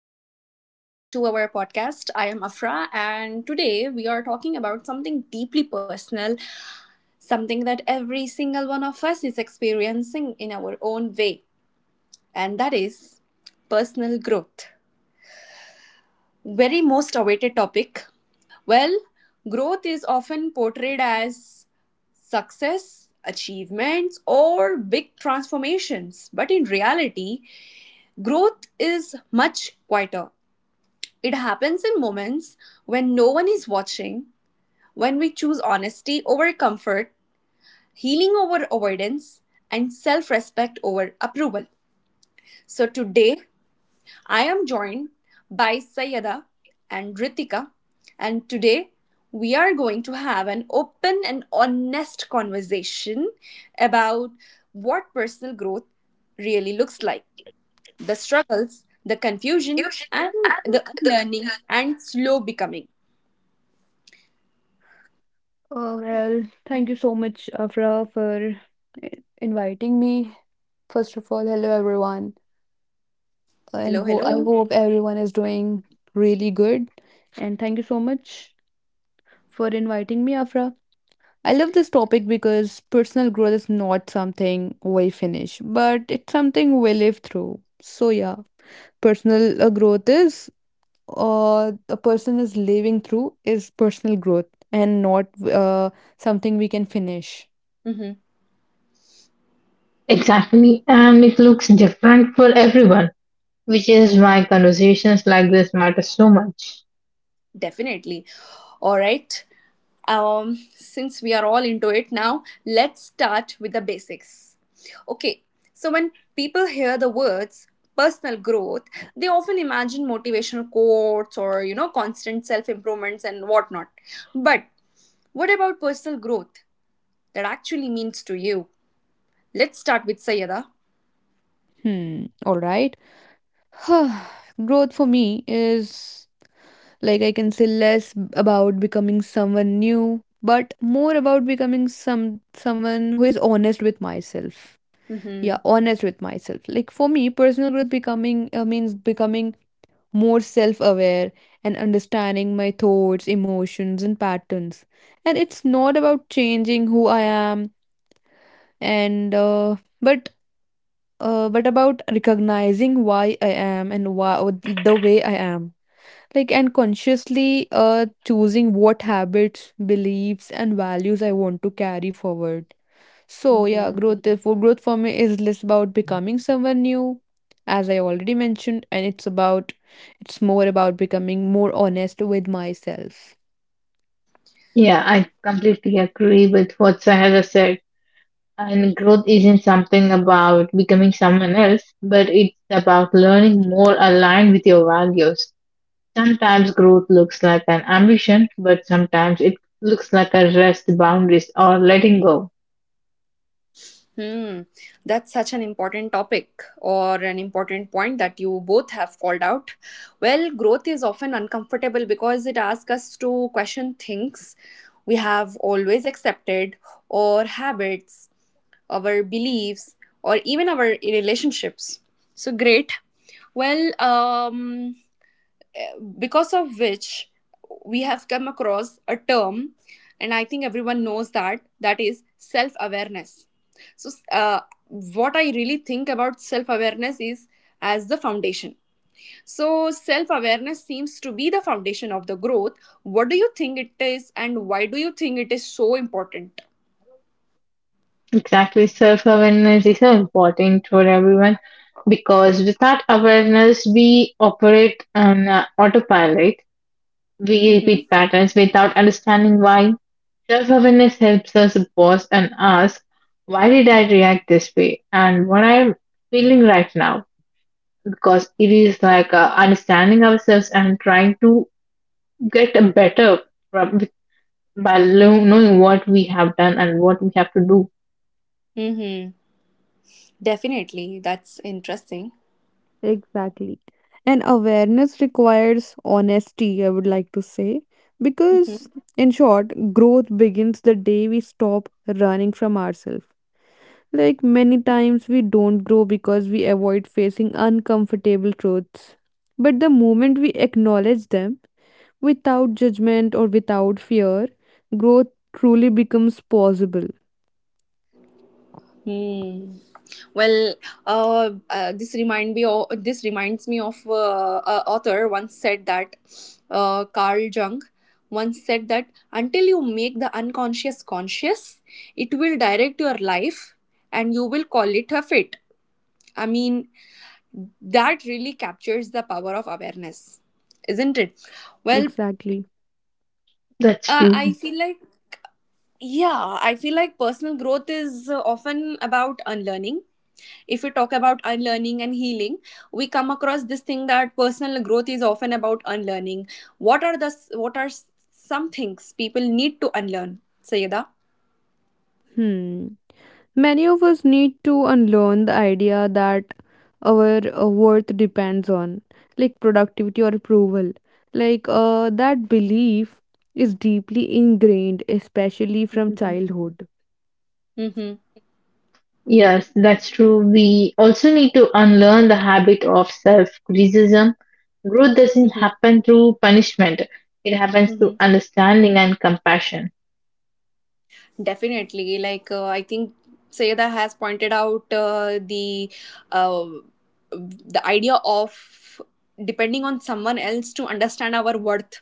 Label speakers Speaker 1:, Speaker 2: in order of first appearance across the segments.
Speaker 1: welcome back to our podcast. I am Afra, and today we are talking about something deeply personal, something that every single one of us is experiencing in our own way, and that is personal growth. Very most awaited topic. Well, growth is often portrayed as success, achievements, or big transformations, but in reality, growth is much quieter. It happens in moments when no one is watching, when we choose honesty over comfort, healing over avoidance, and self respect over approval. So today I am joined by Sayada and Ritika, and today we are going to have an open and honest conversation about what personal growth really looks like, the struggles, the confusion,
Speaker 2: You should.
Speaker 1: and
Speaker 2: And
Speaker 1: the
Speaker 2: the
Speaker 1: unlearning
Speaker 2: Uh,
Speaker 1: and slow becoming.
Speaker 2: well, Thank you so much, Afra, for i- inviting me. First of all, hello everyone, and
Speaker 1: Hello,
Speaker 2: ho I
Speaker 1: hello.
Speaker 2: hope everyone is doing really good. And thank you so much for inviting me, Afra. I love this topic because personal growth is not something we finish, but it's something we live through. So yeah, personal growth is a person is living through is personal growth and not something we can finish.
Speaker 1: Mm-hmm.
Speaker 3: Exactly, and it looks different for everyone, which is why conversations like this matter so much.
Speaker 1: Definitely. All right. Since we are all into it now, let's start with the basics. Okay, so when people hear the words personal growth, they often imagine motivational quotes or, you know, constant self improvements and whatnot. But what about personal growth that actually means to you? Let's start with Sayada.
Speaker 2: Hmm. All right. Growth for me is, like, I can say less about becoming someone new, but more about becoming someone who is honest with myself.
Speaker 1: Mm-hmm.
Speaker 2: Yeah, honest with myself. Like for me, personal growth becoming means becoming more self aware and understanding my thoughts, emotions, and patterns. And it's not about changing who I am, and but about recognizing why I am and why the way I am. Like, and consciously choosing what habits, beliefs, and values I want to carry forward. So yeah,
Speaker 1: Mm-hmm.
Speaker 2: for growth for me is less about becoming someone new, as I already mentioned, and it's more about becoming more honest with myself.
Speaker 3: Yeah, I completely agree with what Sahara said. And growth isn't something about becoming someone else, but it's about learning more aligned with your values. Sometimes growth looks like an ambition, but sometimes it looks like a rest, boundaries, or letting go.
Speaker 1: Hmm, that's such an important topic or an important point that you both have called out. Well, growth is often uncomfortable because it asks us to question things we have always accepted, or habits, our beliefs, or even our relationships. So, great. Well, because of which we have come across a term, and I think everyone knows that, that is self awareness. So what I really think about self awareness is as the foundation. So self awareness seems to be the foundation of the growth. What do you think it is, and why do you think it is so important?
Speaker 3: Exactly. Self awareness is so important for everyone because without awareness, we operate on autopilot. We
Speaker 1: Mhm.
Speaker 3: repeat patterns without understanding why. Self awareness helps us pause and ask, why did I react this way and what I'm feeling right now? Because it is like understanding ourselves and trying to get a better from- knowing what we have done and what we have to do.
Speaker 1: Mhm. Definitely, that's interesting.
Speaker 2: Exactly. And awareness requires honesty, I would like to say. Because,
Speaker 1: Mm-hmm.
Speaker 2: in short, growth begins the day we stop running from ourselves. Like, many times, we don't grow because we avoid facing uncomfortable truths. But the moment we acknowledge them, without judgment or without fear, growth truly becomes possible.
Speaker 1: Hmm. Well, this remind me. O this reminds me of a author once said that, Carl Jung once said that until you make the unconscious conscious, it will direct your life, and you will call it a fate. I mean, that really captures the power of awareness, isn't it? Well,
Speaker 2: Exactly.
Speaker 3: That's
Speaker 1: I
Speaker 3: true.
Speaker 1: feel like yeah, I feel like personal growth is often about unlearning. If we talk about unlearning and healing, we come across this thing that personal growth is often about unlearning. What are the what are some things people need to unlearn, sayeda?
Speaker 2: Hmm. Many of us need to unlearn the idea that our worth depends on, like, productivity or approval. That belief is deeply ingrained, especially from
Speaker 1: Mm-hmm.
Speaker 2: childhood.
Speaker 1: Mm-hmm.
Speaker 3: Yes, that's true. We also need to unlearn the habit of self criticism. Growth doesn't
Speaker 1: Mm-hmm.
Speaker 3: happen through punishment, it happens through
Speaker 1: Mm-hmm.
Speaker 3: understanding and compassion.
Speaker 1: Definitely. Like I think sayeda has pointed out uh, the idea of depending on someone else to understand our worth.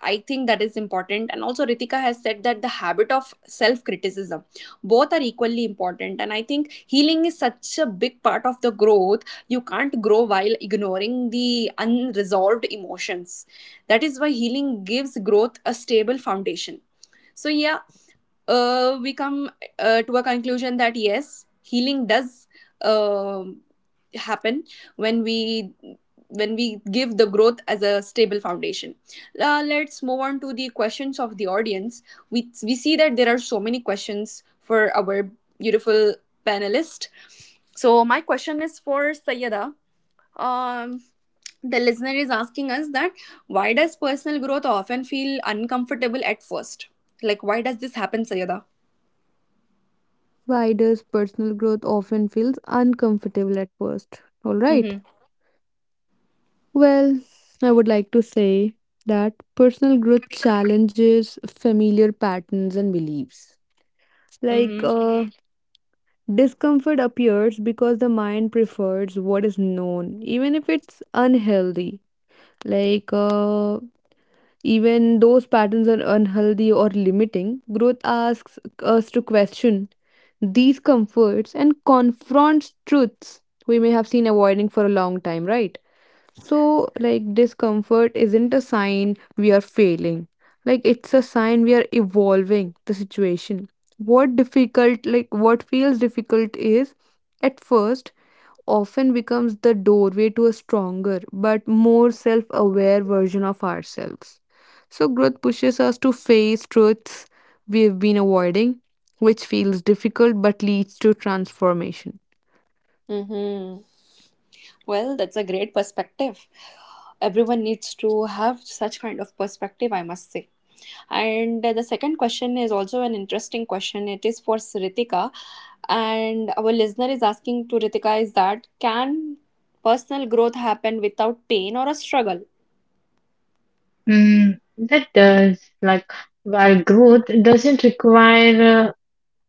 Speaker 1: I think that is important. And also, Ritika has said that the habit of self criticism, both are equally important. And I think healing is such a big part of the growth. You can't grow while ignoring the unresolved emotions. That is why healing gives growth a stable foundation. So, yeah, we come to a conclusion that yes, healing does um happen when we, when we give the growth as a stable foundation. Let's move on to the questions of the audience. We see that there are so many questions for our beautiful panelist. So my question is for Sayada. Um, the listener is asking us that why does personal growth often feel uncomfortable at first? Like why does this happen, Sayada?
Speaker 2: Why does personal growth often feels uncomfortable at first? All right.
Speaker 1: Mm-hmm.
Speaker 2: Well, I would like to say that personal growth challenges familiar patterns and beliefs. Like
Speaker 1: Mm-hmm.
Speaker 2: uh, Discomfort appears because the mind prefers what is known, even if it's unhealthy. Like, even those patterns are unhealthy or limiting. Growth asks us to question these comforts and confronts truths we may have seen avoiding for a long time, right? So, like, discomfort isn't a sign we are failing. Like, it's a sign we are evolving the situation. What feels difficult is at first often becomes the doorway to a stronger but more self aware version of ourselves. So, growth pushes us to face truths we've been avoiding, which feels difficult but leads to transformation.
Speaker 1: Mm-hmm. Well, that's a great perspective. Everyone needs to have such kind of perspective, I must say. And the second question is also an interesting question. It is for Ritika, and our listener is asking to Ritika is that can personal growth happen without pain or a struggle?
Speaker 3: Hmm, that does, like, while growth doesn't require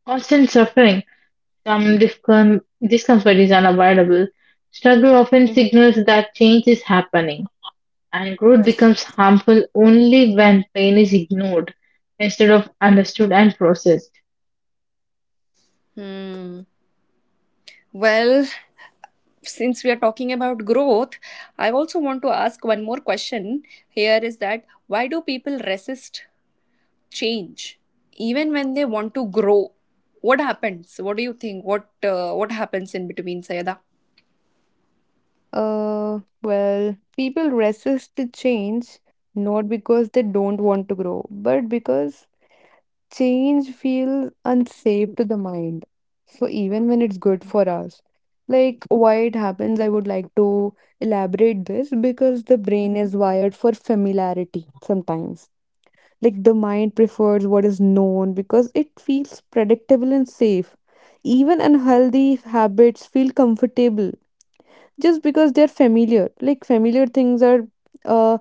Speaker 3: constant suffering, some discomfort is unavoidable. Struggle often
Speaker 1: Mhm.
Speaker 3: signals that change is happening, and growth becomes harmful only when pain is ignored instead of understood and processed.
Speaker 1: Hmm. Well, since we are talking about growth, I also want to ask one more question. Here is that why do people resist change even when they want to grow? What happens? What do you think? What happens in between, sayada?
Speaker 2: Well, people resist the change not because they don't want to grow, but because change feels unsafe to the mind. So even when it's good for us, like why it happens, I would like to elaborate this because the brain is wired for familiarity sometimes. Like, the mind prefers what is known because it feels predictable and safe. Even unhealthy habits feel comfortable just because they're familiar. Like, familiar things are uh,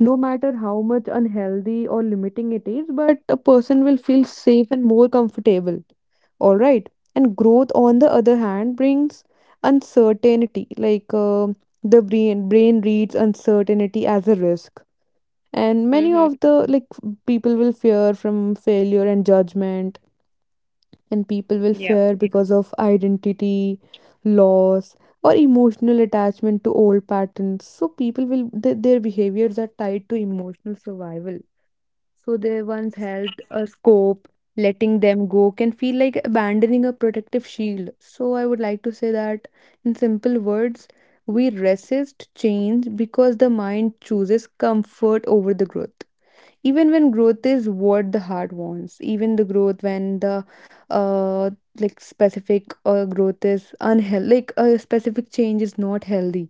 Speaker 2: no matter how much unhealthy or limiting it is, but a person will feel safe and more comfortable. All right, and growth, on the other hand, brings uncertainty. The brain reads uncertainty as a risk, and many
Speaker 1: Mm-hmm.
Speaker 2: of the, like, people will fear from failure and judgment, and people will
Speaker 1: Yeah.
Speaker 2: fear because of identity loss or emotional attachment to old patterns. So people will their behaviors are tied to emotional survival, so they once held a scope, letting them go can feel like abandoning a protective shield. So I would like to say that in simple words, we resist change because the mind chooses comfort over the growth, even when growth is what the heart wants, even the growth when the uh like specific growth is unhealthy, like a specific change is not healthy.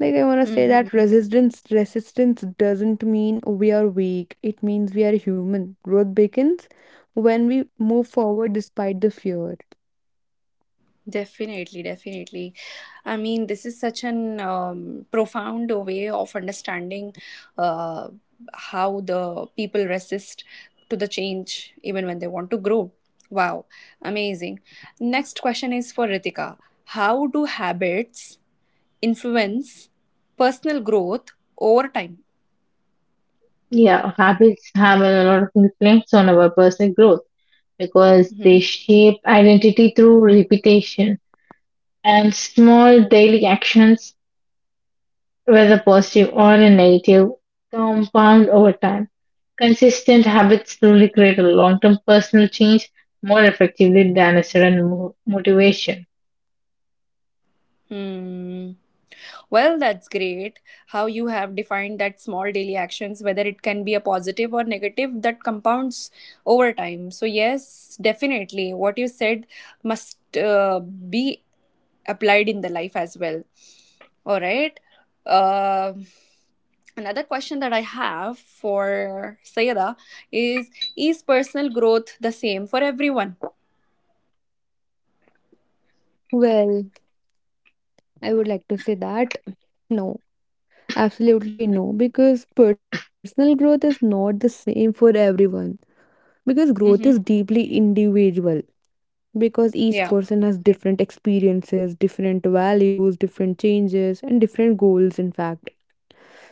Speaker 2: Like, I want to say that
Speaker 1: Mm-hmm.
Speaker 2: resistance doesn't mean we are weak, it means we are human. Growth begins when we move forward despite the fear.
Speaker 1: Definitely, definitely. I mean, this is such an profound way of understanding uh, how the people resist to the change even when they want to grow. Wow, amazing. Next question is for Ritika. How do habits influence personal growth over time?
Speaker 3: Yeah, habits have a lot of influence on our personal growth because
Speaker 1: Mhm.
Speaker 3: they shape identity through repetition and small daily actions, whether positive or a negative, compound over time. Consistent habits truly create a long-term personal change more effectively than a sudden motivation.
Speaker 1: Hmm. Well, that's great how you have defined that small daily actions, whether it can be a positive or negative, that compounds over time. So, yes, definitely what you said must be applied in the life as well. All right. Um, another question that I have for Sayada is personal growth the same for everyone?
Speaker 2: Well, I would like to say that no. Absolutely no, because personal growth is not the same for everyone. Because growth is deeply individual, because each
Speaker 1: Yeah.
Speaker 2: person has different experiences, different values, different changes, and different goals, in fact.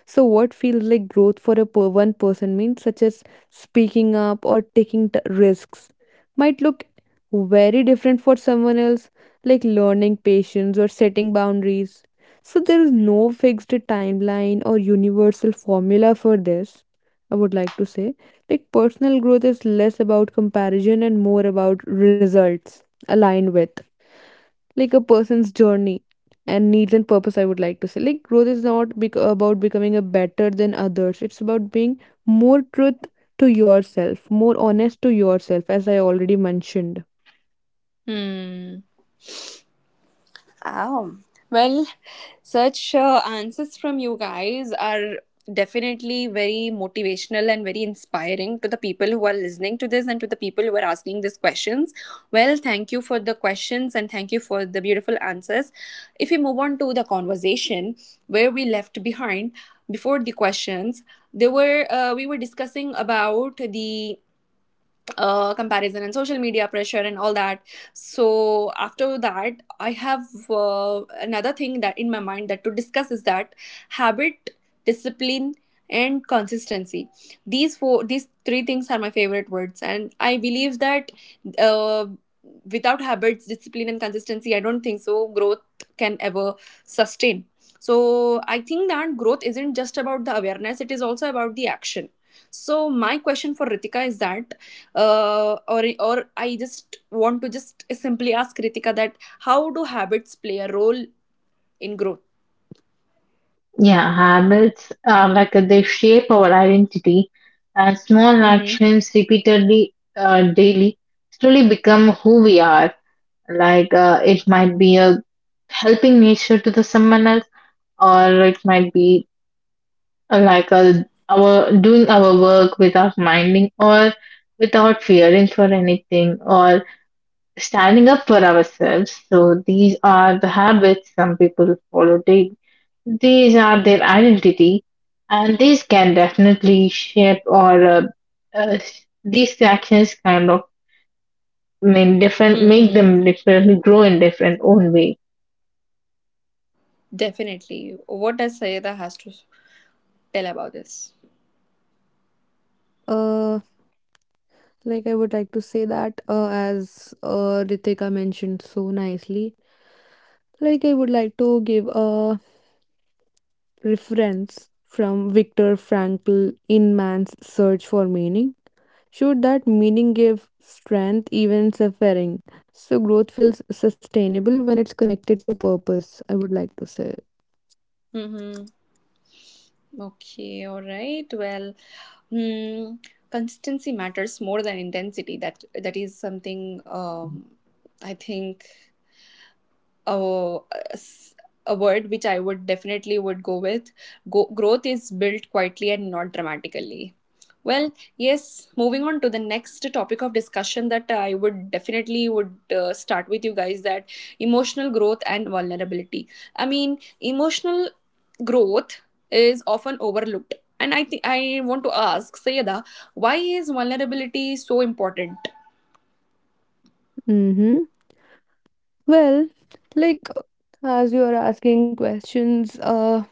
Speaker 2: So, what feels like growth for a one person means, such as speaking up or taking risks, might look very different for someone else, like learning patience or setting boundaries. So, there is no fixed timeline or universal formula for this. I would like to say, like, personal growth is less about comparison and more about results aligned with, like, a person's journey and needs and purpose. I would like to say, like, growth is not about becoming a better than others, it's about being more truth to yourself, more honest to yourself, as I already mentioned.
Speaker 1: Hmm. Oh. Well, such answers from you guys are definitely very motivational and very inspiring to the people who are listening to this and to the people who are asking these questions. Well, thank you for the questions and thank you for the beautiful answers. If we move on to the conversation where we left behind before the questions, there were, we were discussing about the comparison and social media pressure and all that. So after that, I have another thing that in my mind that to discuss is that habit, discipline, and consistency. These three things are my favorite words, and I believe that uh, without habits, discipline, and consistency, I don't think so growth can ever sustain. So I think that growth isn't just about the awareness; it is also about the action. So my question for Ritika is that or I just want to just simply ask Kritika that how do habits play a role in growth?
Speaker 3: Yeah, habits are like they shape our identity, and small
Speaker 1: Mm-hmm.
Speaker 3: actions repeatedly daily slowly become who we are. Like it might be a helping nature to the someone else, or it might be like a our doing our work without minding or without fearing for anything or standing up for ourselves. So these are the habits some people follow daily. These are their identity, and these can definitely shape or uh, these actions kind of mean different, make
Speaker 1: Mm-hmm.
Speaker 3: them differently grow in different own ways.
Speaker 1: Definitely. What does Sayeda has to tell about this?
Speaker 2: uh I would like to say that, as Ritika mentioned so nicely, like, I would like to give a reference from Viktor Frankl in Man's Search for Meaning showed that meaning gave strength even in suffering. So growth feels sustainable when it's connected to purpose, I would like to say.
Speaker 1: Mm-hmm. Okay. All right. Well, hmm, consistency matters more than intensity. That is something. I think a, a word which I would definitely would go with. Go, growth is built quietly and not dramatically. Well, yes. Moving on to the next topic of discussion that I would definitely would start with you guys, that emotional growth and vulnerability. I mean, emotional growth is often overlooked, and I think I want to ask Sayeda, why is vulnerability so important?
Speaker 2: Mm-hmm. Well, like, as you are asking questions,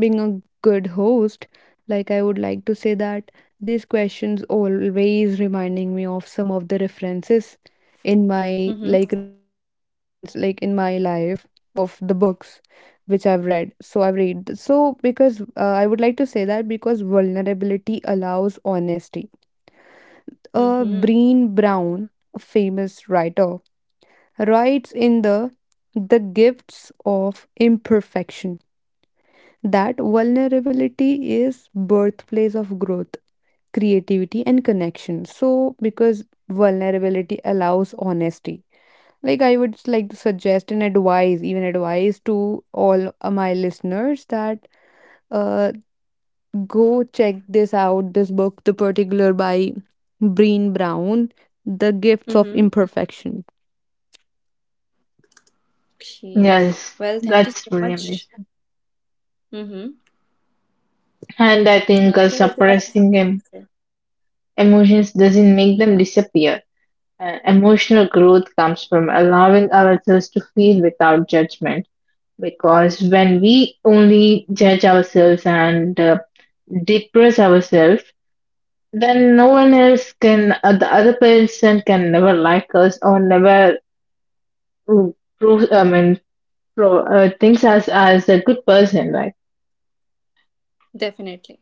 Speaker 2: being a good host, like, I would like to say that these questions always reminding me of some of the references in my,
Speaker 1: Mm-hmm.
Speaker 2: like, reference like in my life of the books which I've read. So I've read. So because I would like to say that because vulnerability allows honesty.
Speaker 1: Mm-hmm.
Speaker 2: Breen Brown, a famous writer, writes in the Gifts of Imperfection that vulnerability is birthplace of growth, creativity, and connection. So because vulnerability allows honesty, like, I would like to suggest and advise, even advise to all my listeners that uh, go check this out, this book, The Particular by Breen Brown, The Gifts of
Speaker 1: Mm-hmm.
Speaker 2: Imperfection.
Speaker 1: Okay.
Speaker 3: Yes,
Speaker 1: Well, thank you
Speaker 3: that's
Speaker 1: so
Speaker 3: really
Speaker 1: much.
Speaker 3: amazing.
Speaker 1: Mm-hmm.
Speaker 3: And I
Speaker 1: Well,
Speaker 3: think
Speaker 1: I think Ritika has
Speaker 3: suppressing
Speaker 1: something to say.
Speaker 3: emotions doesn't make them disappear. Emotional growth comes from allowing ourselves to feel without judgment. Because when we only judge ourselves and depress ourselves, then no one else can, the other person can never like us or never mm, prove, I mean, pro, thinks us as a good person, right?
Speaker 1: Definitely.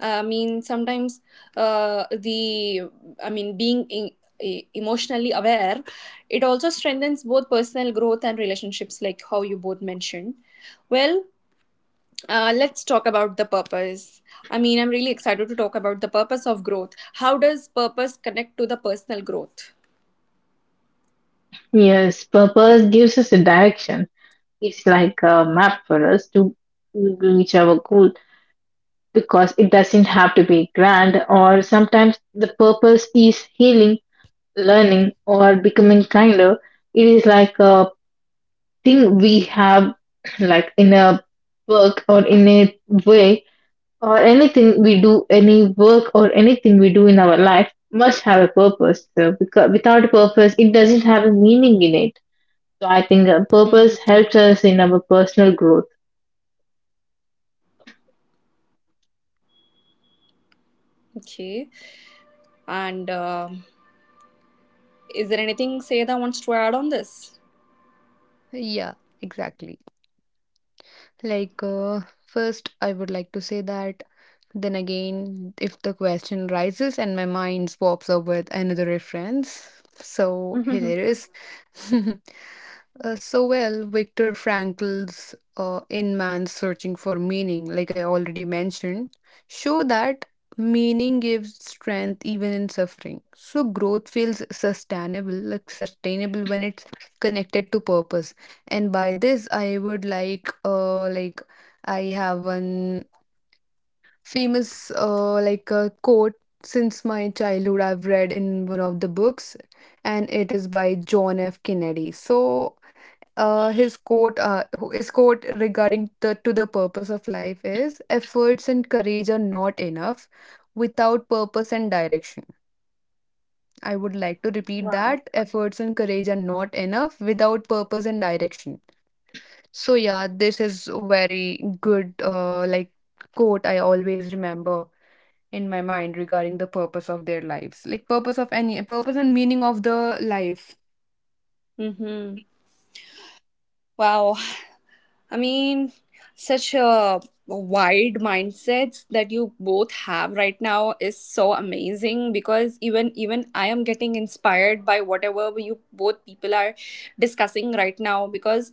Speaker 1: I mean, sometimes the I mean, being in, emotionally aware, it also strengthens both personal growth and relationships, like how you both mentioned. Well, let's talk about the purpose. I mean, I'm really excited to talk about the purpose of growth. How does purpose connect to the personal growth?
Speaker 3: Yes, purpose gives us a direction. It's like a map for us to reach our goal because it doesn't have to be grand, or sometimes the purpose is healing, learning, or becoming kinder. It is like a thing we have, like in a work or in a way, or anything we do, any work or anything we do in our life must have a purpose. So, because without a purpose, it doesn't have a meaning in it. So, I think purpose
Speaker 1: Mm-hmm.
Speaker 3: helps us in our personal growth.
Speaker 1: Okay. And is there anything Seda wants to add on this?
Speaker 2: Yeah, exactly. Like, first, I would like to say that, then again, if the question rises and my mind swaps up with another reference, so here it is. So well, Viktor Frankl's In Man's Searching for Meaning, like I already mentioned, show that meaning gives strength even in suffering. So growth feels sustainable, like sustainable, when it's connected to purpose. And by this, I would like, I have one famous like a quote since my childhood I've read in one of the books, and it is by John F. Kennedy. So uh, his quote uh, his quote regarding the to the purpose of life is efforts and courage are not enough without purpose and direction. I would like to repeat
Speaker 1: Wow.
Speaker 2: that efforts and courage are not enough without purpose and direction. So yeah, this is very good like quote I always remember in my mind regarding the purpose of their lives, like purpose of any purpose and meaning of the life.
Speaker 1: Mm-hmm. Wow, I mean, such a wide mindsets that you both have right now is so amazing, because even I am getting inspired by whatever you both people are discussing right now, because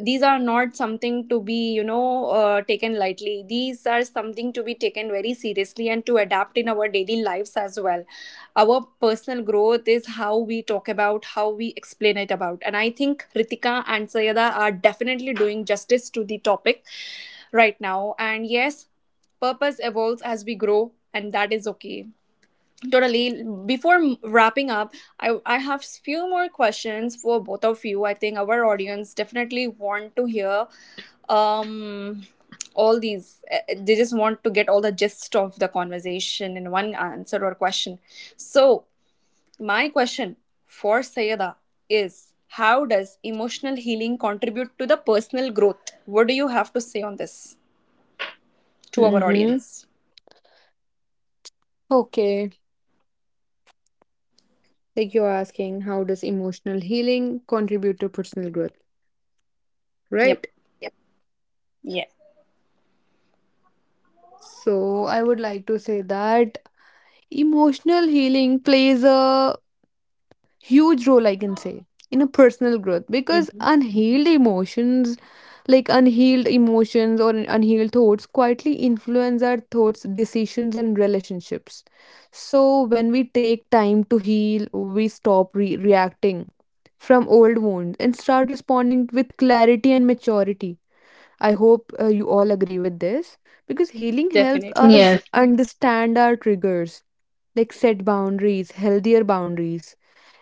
Speaker 1: these are not something to be, you know, taken lightly. These are something to be taken very seriously and to adapt in our daily lives as well. Our personal growth is how we talk about, how we explain it about, and I think ritika and sayada are definitely doing justice to the topic right now. And yes, purpose evolves as we grow, and that is okay. Totally. Before wrapping up, I have few more questions for both of you. I think our audience definitely want to hear um, all these. They just want to get all the gist of the conversation in one answer or question. So, my question for Sayeda is how does emotional healing contribute to the personal growth? What do you have to say on this to our
Speaker 2: Mm-hmm.
Speaker 1: audience?
Speaker 2: Okay. Like, you're asking, how does emotional healing contribute to personal growth?
Speaker 1: Yep.
Speaker 2: Right? Yep.
Speaker 1: Yeah.
Speaker 2: So, huge role, I can say, in a personal growth because
Speaker 1: Hmm.
Speaker 2: unhealed emotions, like unhealed emotions or unhealed thoughts quietly influence our thoughts, decisions, and relationships. So when we take time to heal, we stop reacting from old wounds and start responding with clarity and maturity. I hope you all agree with this, because healing helps
Speaker 1: Definitely.
Speaker 2: us
Speaker 3: Yes.
Speaker 2: understand our triggers, like set boundaries, healthier boundaries,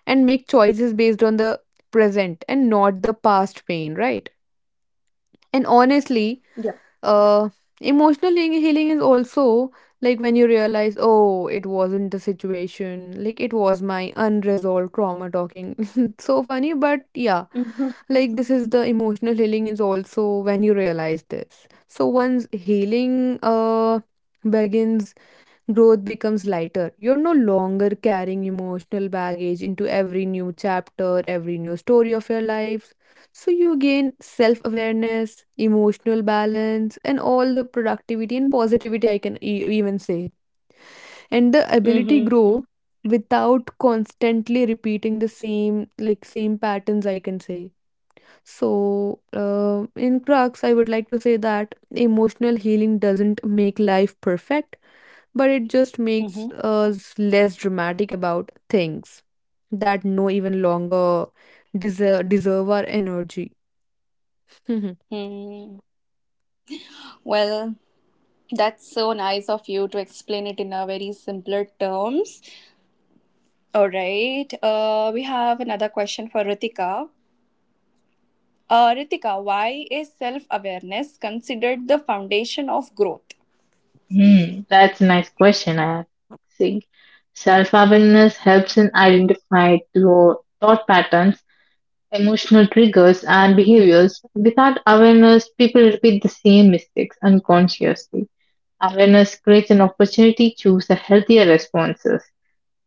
Speaker 2: and make choices based on the present and not the past pain, right? And honestly,
Speaker 1: Yeah.
Speaker 2: uh, emotional healing is also like when you realize, oh, it wasn't the situation, like it was my unresolved trauma talking. So funny, but yeah, like, this is the emotional healing, is also when you realize this. So once healing begins, growth becomes lighter. You're no longer carrying emotional baggage into every new chapter, every new story of your life. So you gain self awareness, emotional balance, and all the productivity and positivity, I can even say. And the ability
Speaker 1: Hmm.
Speaker 2: grow without constantly repeating the same patterns, I can say. So in crux, I would like to say that emotional healing doesn't make life perfect, but it just makes
Speaker 1: Mm-hmm.
Speaker 2: us less dramatic about things that no even longer deserve our energy. Mhm.
Speaker 1: Hmm. Well, that's so nice of you to explain it in a very simpler terms. All right. We have another question for Ritika. Ritika, why is self-awareness considered the foundation of growth?
Speaker 3: Hmm, that's a nice question, I think. Self awareness helps in identifying your thought patterns, emotional triggers, and behaviors. Without awareness, people repeat the same mistakes unconsciously. Awareness creates an opportunity to choose a healthier responses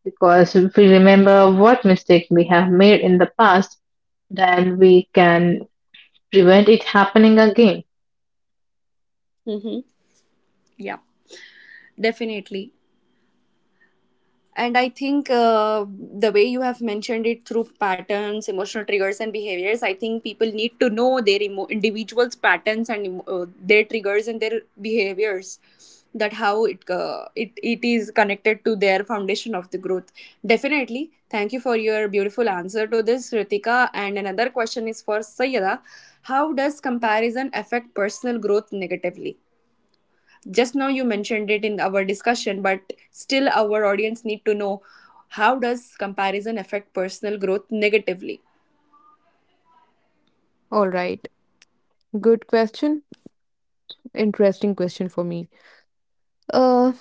Speaker 3: because if we remember what mistake we have made in the past, then we can prevent it happening again.
Speaker 1: Mm-hmm. Yeah, definitely. And I think the way you have mentioned it through patterns, emotional triggers, and behaviors, I think people need to know their individuals' patterns and their triggers and their behaviors. That how it is connected to their foundation of the growth. Definitely. Thank you for your beautiful answer to this, Ritika. And another question is for Sayada. How does comparison affect personal growth negatively? Just now you mentioned it in our discussion, but still our audience need to know, how does comparison affect personal growth negatively?
Speaker 2: All right. Good question. Interesting question for me. Uh,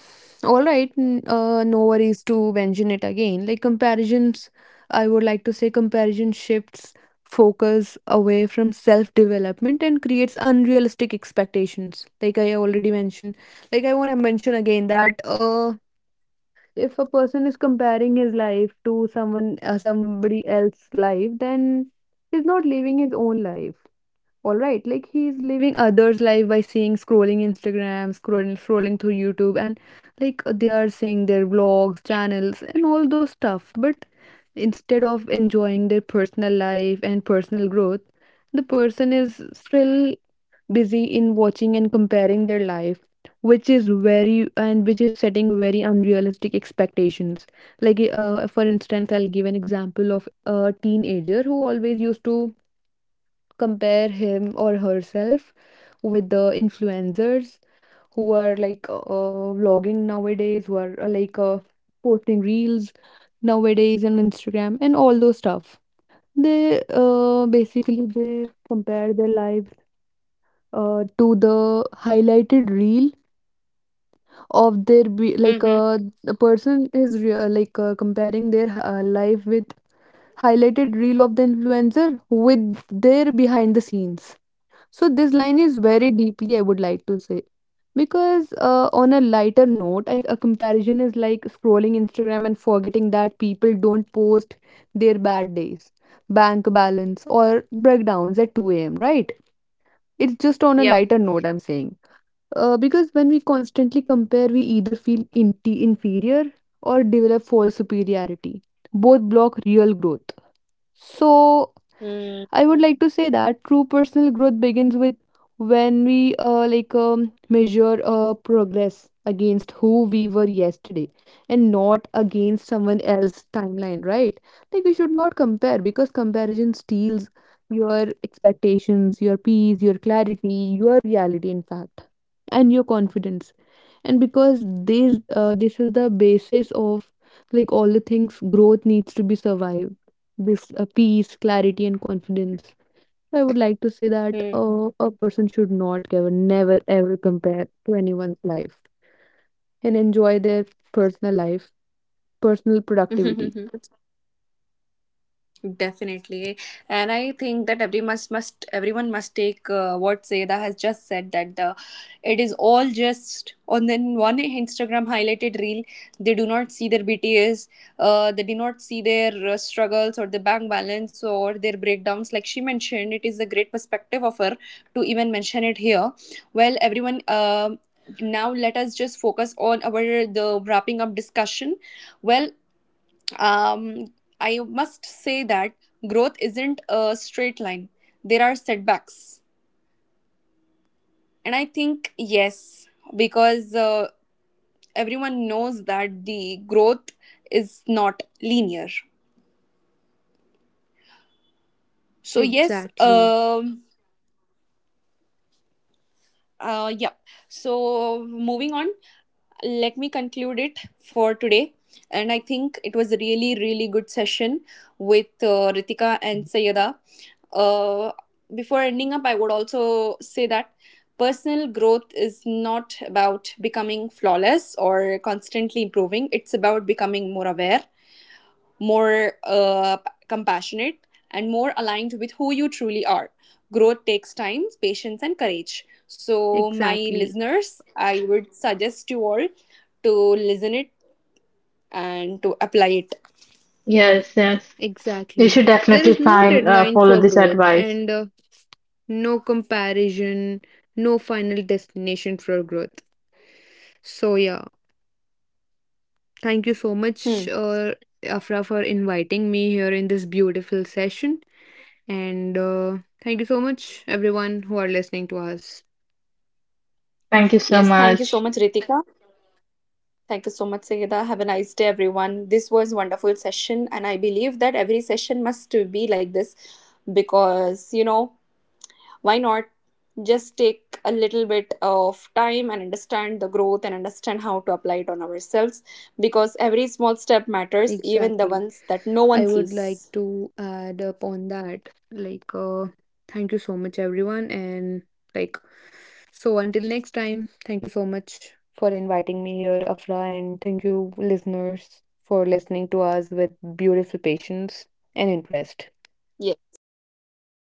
Speaker 2: all right. No worries to mention it again. Like, comparisons, I would like to say, comparison shifts focus away from self development and creates unrealistic expectations. Like I already mentioned, like, I want to mention again that if a person is comparing his life to someone somebody else's life, then he's not living his own life. All right, like, he's living others life by seeing scrolling Instagram, scrolling through YouTube, and like they are seeing their vlogs channels and all those stuff, but instead of enjoying their personal life and personal growth, the person is still busy in watching and comparing their life, which is very and which is setting very unrealistic expectations. Like for instance, I'll give an example of a teenager who always used to compare him or herself with the influencers who are vlogging nowadays, who are posting reels nowadays on Instagram and all those stuff. They basically they compare their lives to the highlighted reel of their
Speaker 1: Mm-hmm.
Speaker 2: a person is comparing their life with highlighted reel of the influencer with their behind the scenes. So this line is very deeply, I would like to say, because on a lighter note, a comparison is like scrolling Instagram and forgetting that people don't post their bad days, bank balance, or breakdowns at 2 a.m. Right? It's just on a
Speaker 1: Yep.
Speaker 2: lighter note I'm saying, because when we constantly compare, we either feel inferior or develop false superiority. Both block real growth. So I would like to say that true personal growth begins with when we, measure progress against who we were yesterday and not against someone else's timeline, right? Like, we should not compare because comparison steals your expectations, your peace, your clarity, your reality, in fact, and your confidence. And because this, this is the basis of, like, all the things growth needs to be survived, this peace, clarity, and confidence. I would like to say that
Speaker 1: Mm-hmm.
Speaker 2: a person should not ever, never ever compare to anyone's life and enjoy their personal life, personal productivity.
Speaker 1: Definitely, and I think that everyone must take what Seda has just said, that the, it is all just on the one Instagram highlighted reel. They do not see their BTS, they do not see their struggles or the bank balance or their breakdowns. Like she mentioned, it is a great perspective of her to even mention it here. Well, everyone. Now let us just focus on our the wrapping up discussion. Well, um, I must say that growth isn't a straight line. There are setbacks. And I think, yes, because everyone knows that the growth is not linear. So, yes,
Speaker 2: Exactly,
Speaker 1: yeah. So, moving on, let me conclude it for today. And I think it was a really, really good session with Ritika and Sayada. Uh, before ending up, I would also say that personal growth is not about becoming flawless or constantly improving, it's about becoming more aware, more compassionate, and more aligned with who you truly are. Growth takes time, patience, and courage. So, my
Speaker 2: exactly,
Speaker 1: listeners, I would suggest you all to listen it and to apply it.
Speaker 3: Yes, yes. You
Speaker 2: exactly.
Speaker 3: should
Speaker 2: There
Speaker 3: definitely
Speaker 2: is no
Speaker 3: find
Speaker 2: deadline
Speaker 3: follow
Speaker 2: for
Speaker 3: this
Speaker 2: growth
Speaker 3: advice.
Speaker 2: and no comparison, no final destination for growth. So, yeah. Thank you so
Speaker 1: Hmm.
Speaker 2: much, Afra, for inviting me here in this beautiful session. And thank you so much, everyone who are listening to us.
Speaker 3: Thank you so
Speaker 1: Yes, thank you so
Speaker 3: much.
Speaker 1: much, Ritika. Thank you so much, Sayeda. Have a nice day, everyone. This was wonderful session, and I believe that every session must be like this, because you know, why not just take a little bit of time and understand the growth and understand how to apply it on ourselves, because every small step matters, even the
Speaker 2: Exactly.
Speaker 1: ones that no
Speaker 2: I
Speaker 1: one
Speaker 2: would like
Speaker 1: sees.
Speaker 2: to add upon that. Like, thank you so much, everyone. And, like, so until next time, thank you so much for inviting me here, Afra. And thank you, listeners, for listening to us with beautiful patience and interest.
Speaker 1: Yeah.